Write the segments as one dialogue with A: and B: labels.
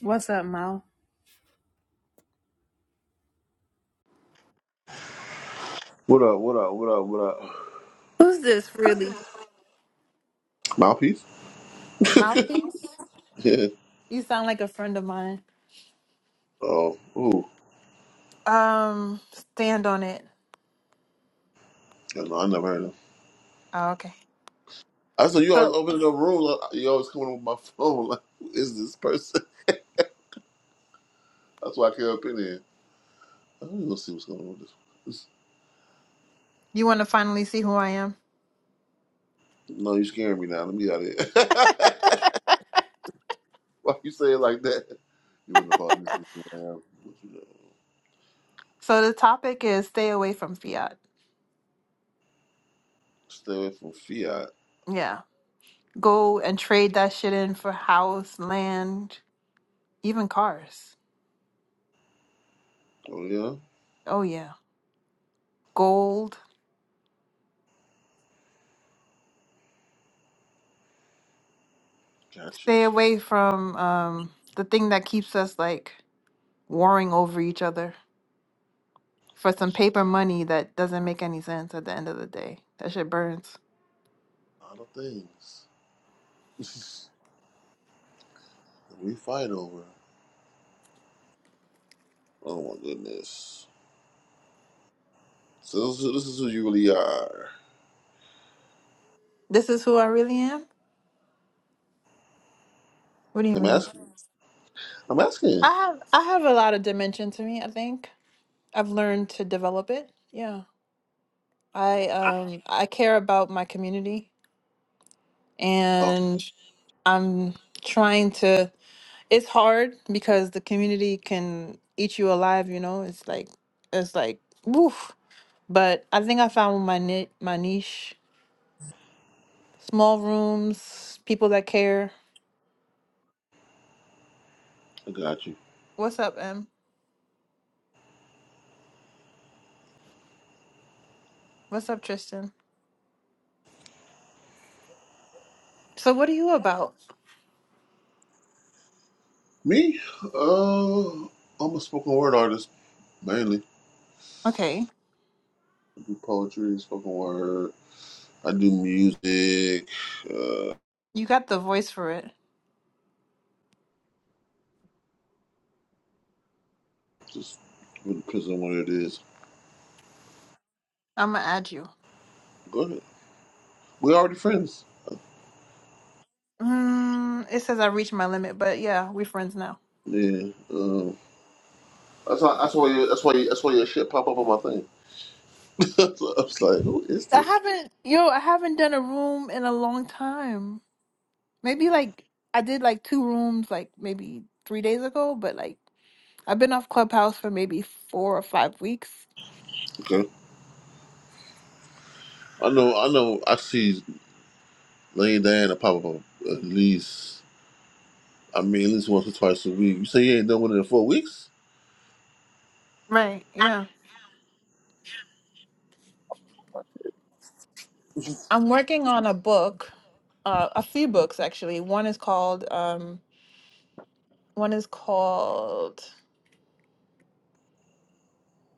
A: What's up, Mal?
B: What up? What up? What up? What up?
A: Who's this really?
B: Mouthpiece?
A: Mouthpiece?
B: Yeah.
A: You sound like a friend of mine.
B: Oh, ooh.
A: Um, stand on it.
B: Yeah, no, I never heard of him.
A: Oh, okay.
B: I saw you always
A: So
B: opening up rooms. like, You always coming with my phone. Like, who is this person? That's why I came up in here. I'm gonna see what's going on with this. this-
A: you want to finally see who I am?
B: No, you scaring me now. Let me get out of here. why you say it like that? You wouldn't have thought this is who I am. What you know?
A: So the topic is stay away from fiat.
B: Stay away from fiat.
A: Yeah. Go and trade that shit in for house, land, even cars.
B: Oh yeah,
A: Oh yeah. Gold.
B: gotcha.
A: Stay away from um the thing that keeps us like warring over each other for some paper money that doesn't make any sense at the end of the day. That shit burns.
B: A lot of things that we fight over. Oh my goodness. So this, is- this is who you really are.
A: This is who I really am? What do you
B: I'm
A: mean?
B: asking. I'm asking.
A: I have I have a lot of dimension to me, I think. I've learned to develop it. Yeah. I um I care about my community
B: Oh,
A: and I'm trying to it's hard because the community can eat you alive, you know. It's like it's like woof. But I think I found my ni- my niche. Small rooms, people that care.
B: I got you.
A: What's up, Em? What's up, Tristan? So what are you about?
B: Me? Uh, I'm a spoken word artist mainly.
A: Okay.
B: I do poetry, spoken word. I do music. Uh,
A: You got the voice for it.
B: just really depends on what it is.
A: I'm gonna add you.
B: Go ahead. We already friends.
A: Mm, it says I reached my limit, but yeah, we friends now.
B: Yeah. Um, that's why. That's why. You, that's why. You, that's why your shit pop up on my thing. so I was like, who is
A: I
B: this?
A: haven't, yo, I haven't done a room in a long time. Maybe like I did like two rooms, like maybe three days ago, but like I've been off Clubhouse for maybe four or five weeks.
B: Okay. I know. I know. I see Lane Diana pop up at least. I mean, at least once or twice a week. You say you ain't done one in four weeks?
A: Right. Yeah. I'm working on a book, uh, a few books actually. One is called, um, one is called,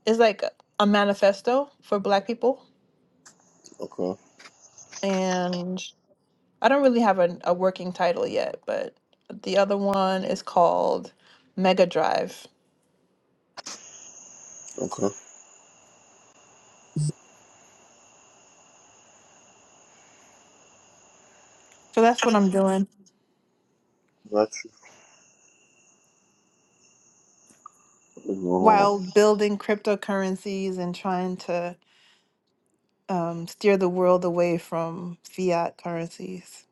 A: it's like a manifesto for Black people,
B: Okay.
A: and I don't really have a, a working title yet, but the other one is called Mega Drive.
B: Okay.
A: So that's what I'm doing
B: Got you. What's going on?
A: while building cryptocurrencies and trying to um, steer the world away from fiat currencies.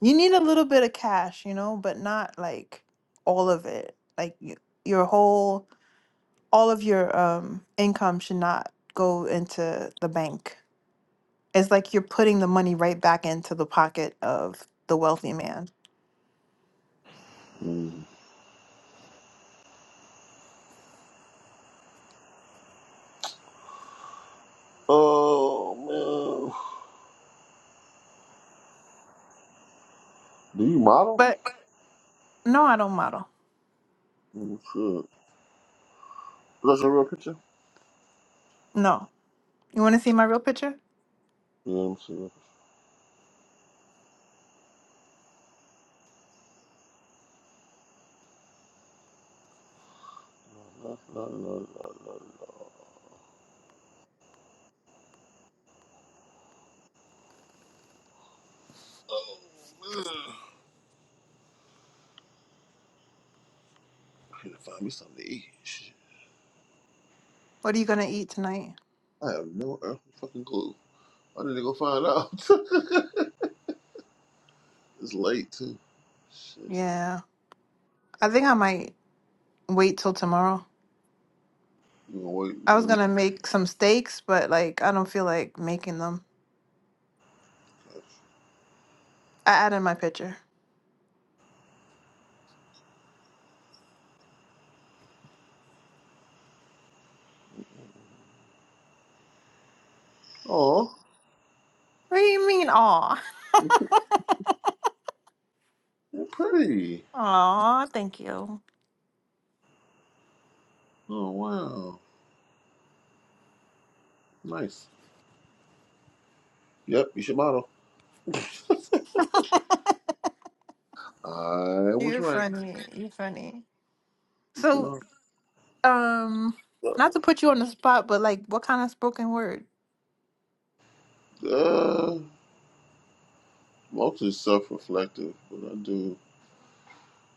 A: You need a little bit of cash, you know, but not like all of it. Like y- your whole, all of your um, income should not go into the bank. It's like you're putting the money right back into the pocket of the wealthy man.
B: Mm. Oh, man. Do you model?
A: But No, I don't model.
B: Mm, shit. Is that your real picture?
A: No. You want to see my real picture?
B: Yeah, let me see. No, no, no, no, no, no. no. Oh, man. I need to find me something to eat. Shit.
A: What are you going to eat tonight?
B: I have no earthly fucking clue. I need to go find out. it's late, too. Shit.
A: Yeah. I think I might wait till tomorrow.
B: You gonna wait
A: I was
B: until you
A: going to make some steaks, but like I don't feel like making them. I added my picture.
B: Oh,
A: What do you mean, aw?
B: you're pretty.
A: Aw, thank you.
B: Oh, wow. Nice. Yep, you should model. I was
A: You're
B: right.
A: funny. You're funny.
B: You should
A: So,
B: model.
A: um, not to put you on the spot, but like what kind of spoken word?
B: Uh, mostly self-reflective, but I do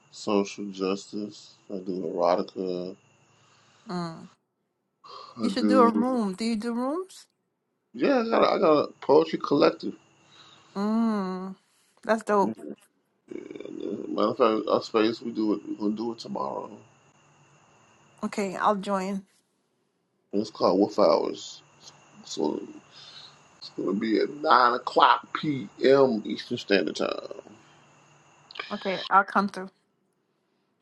B: social justice. I do erotica.
A: Mm.
B: I
A: You should do a
B: do.
A: room. Do you do rooms?
B: Yeah, I got a, I got a poetry collective.
A: Mm. That's dope.
B: uh, Matter of fact, our space we do it. We're gonna do it tomorrow.
A: Okay, I'll join.
B: it's called Wolf Hours. So it's gonna be at nine o'clock p.m. Eastern Standard Time.
A: Okay, I'll come through.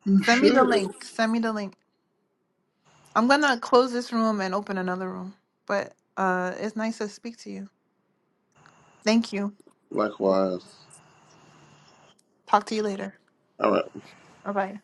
B: You
A: Send me the
B: should.
A: link. Send me the link. I'm gonna close this room and open another room. But uh it's nice to speak to you. Thank you.
B: Likewise.
A: Talk to you later.
B: All right.
A: Bye bye.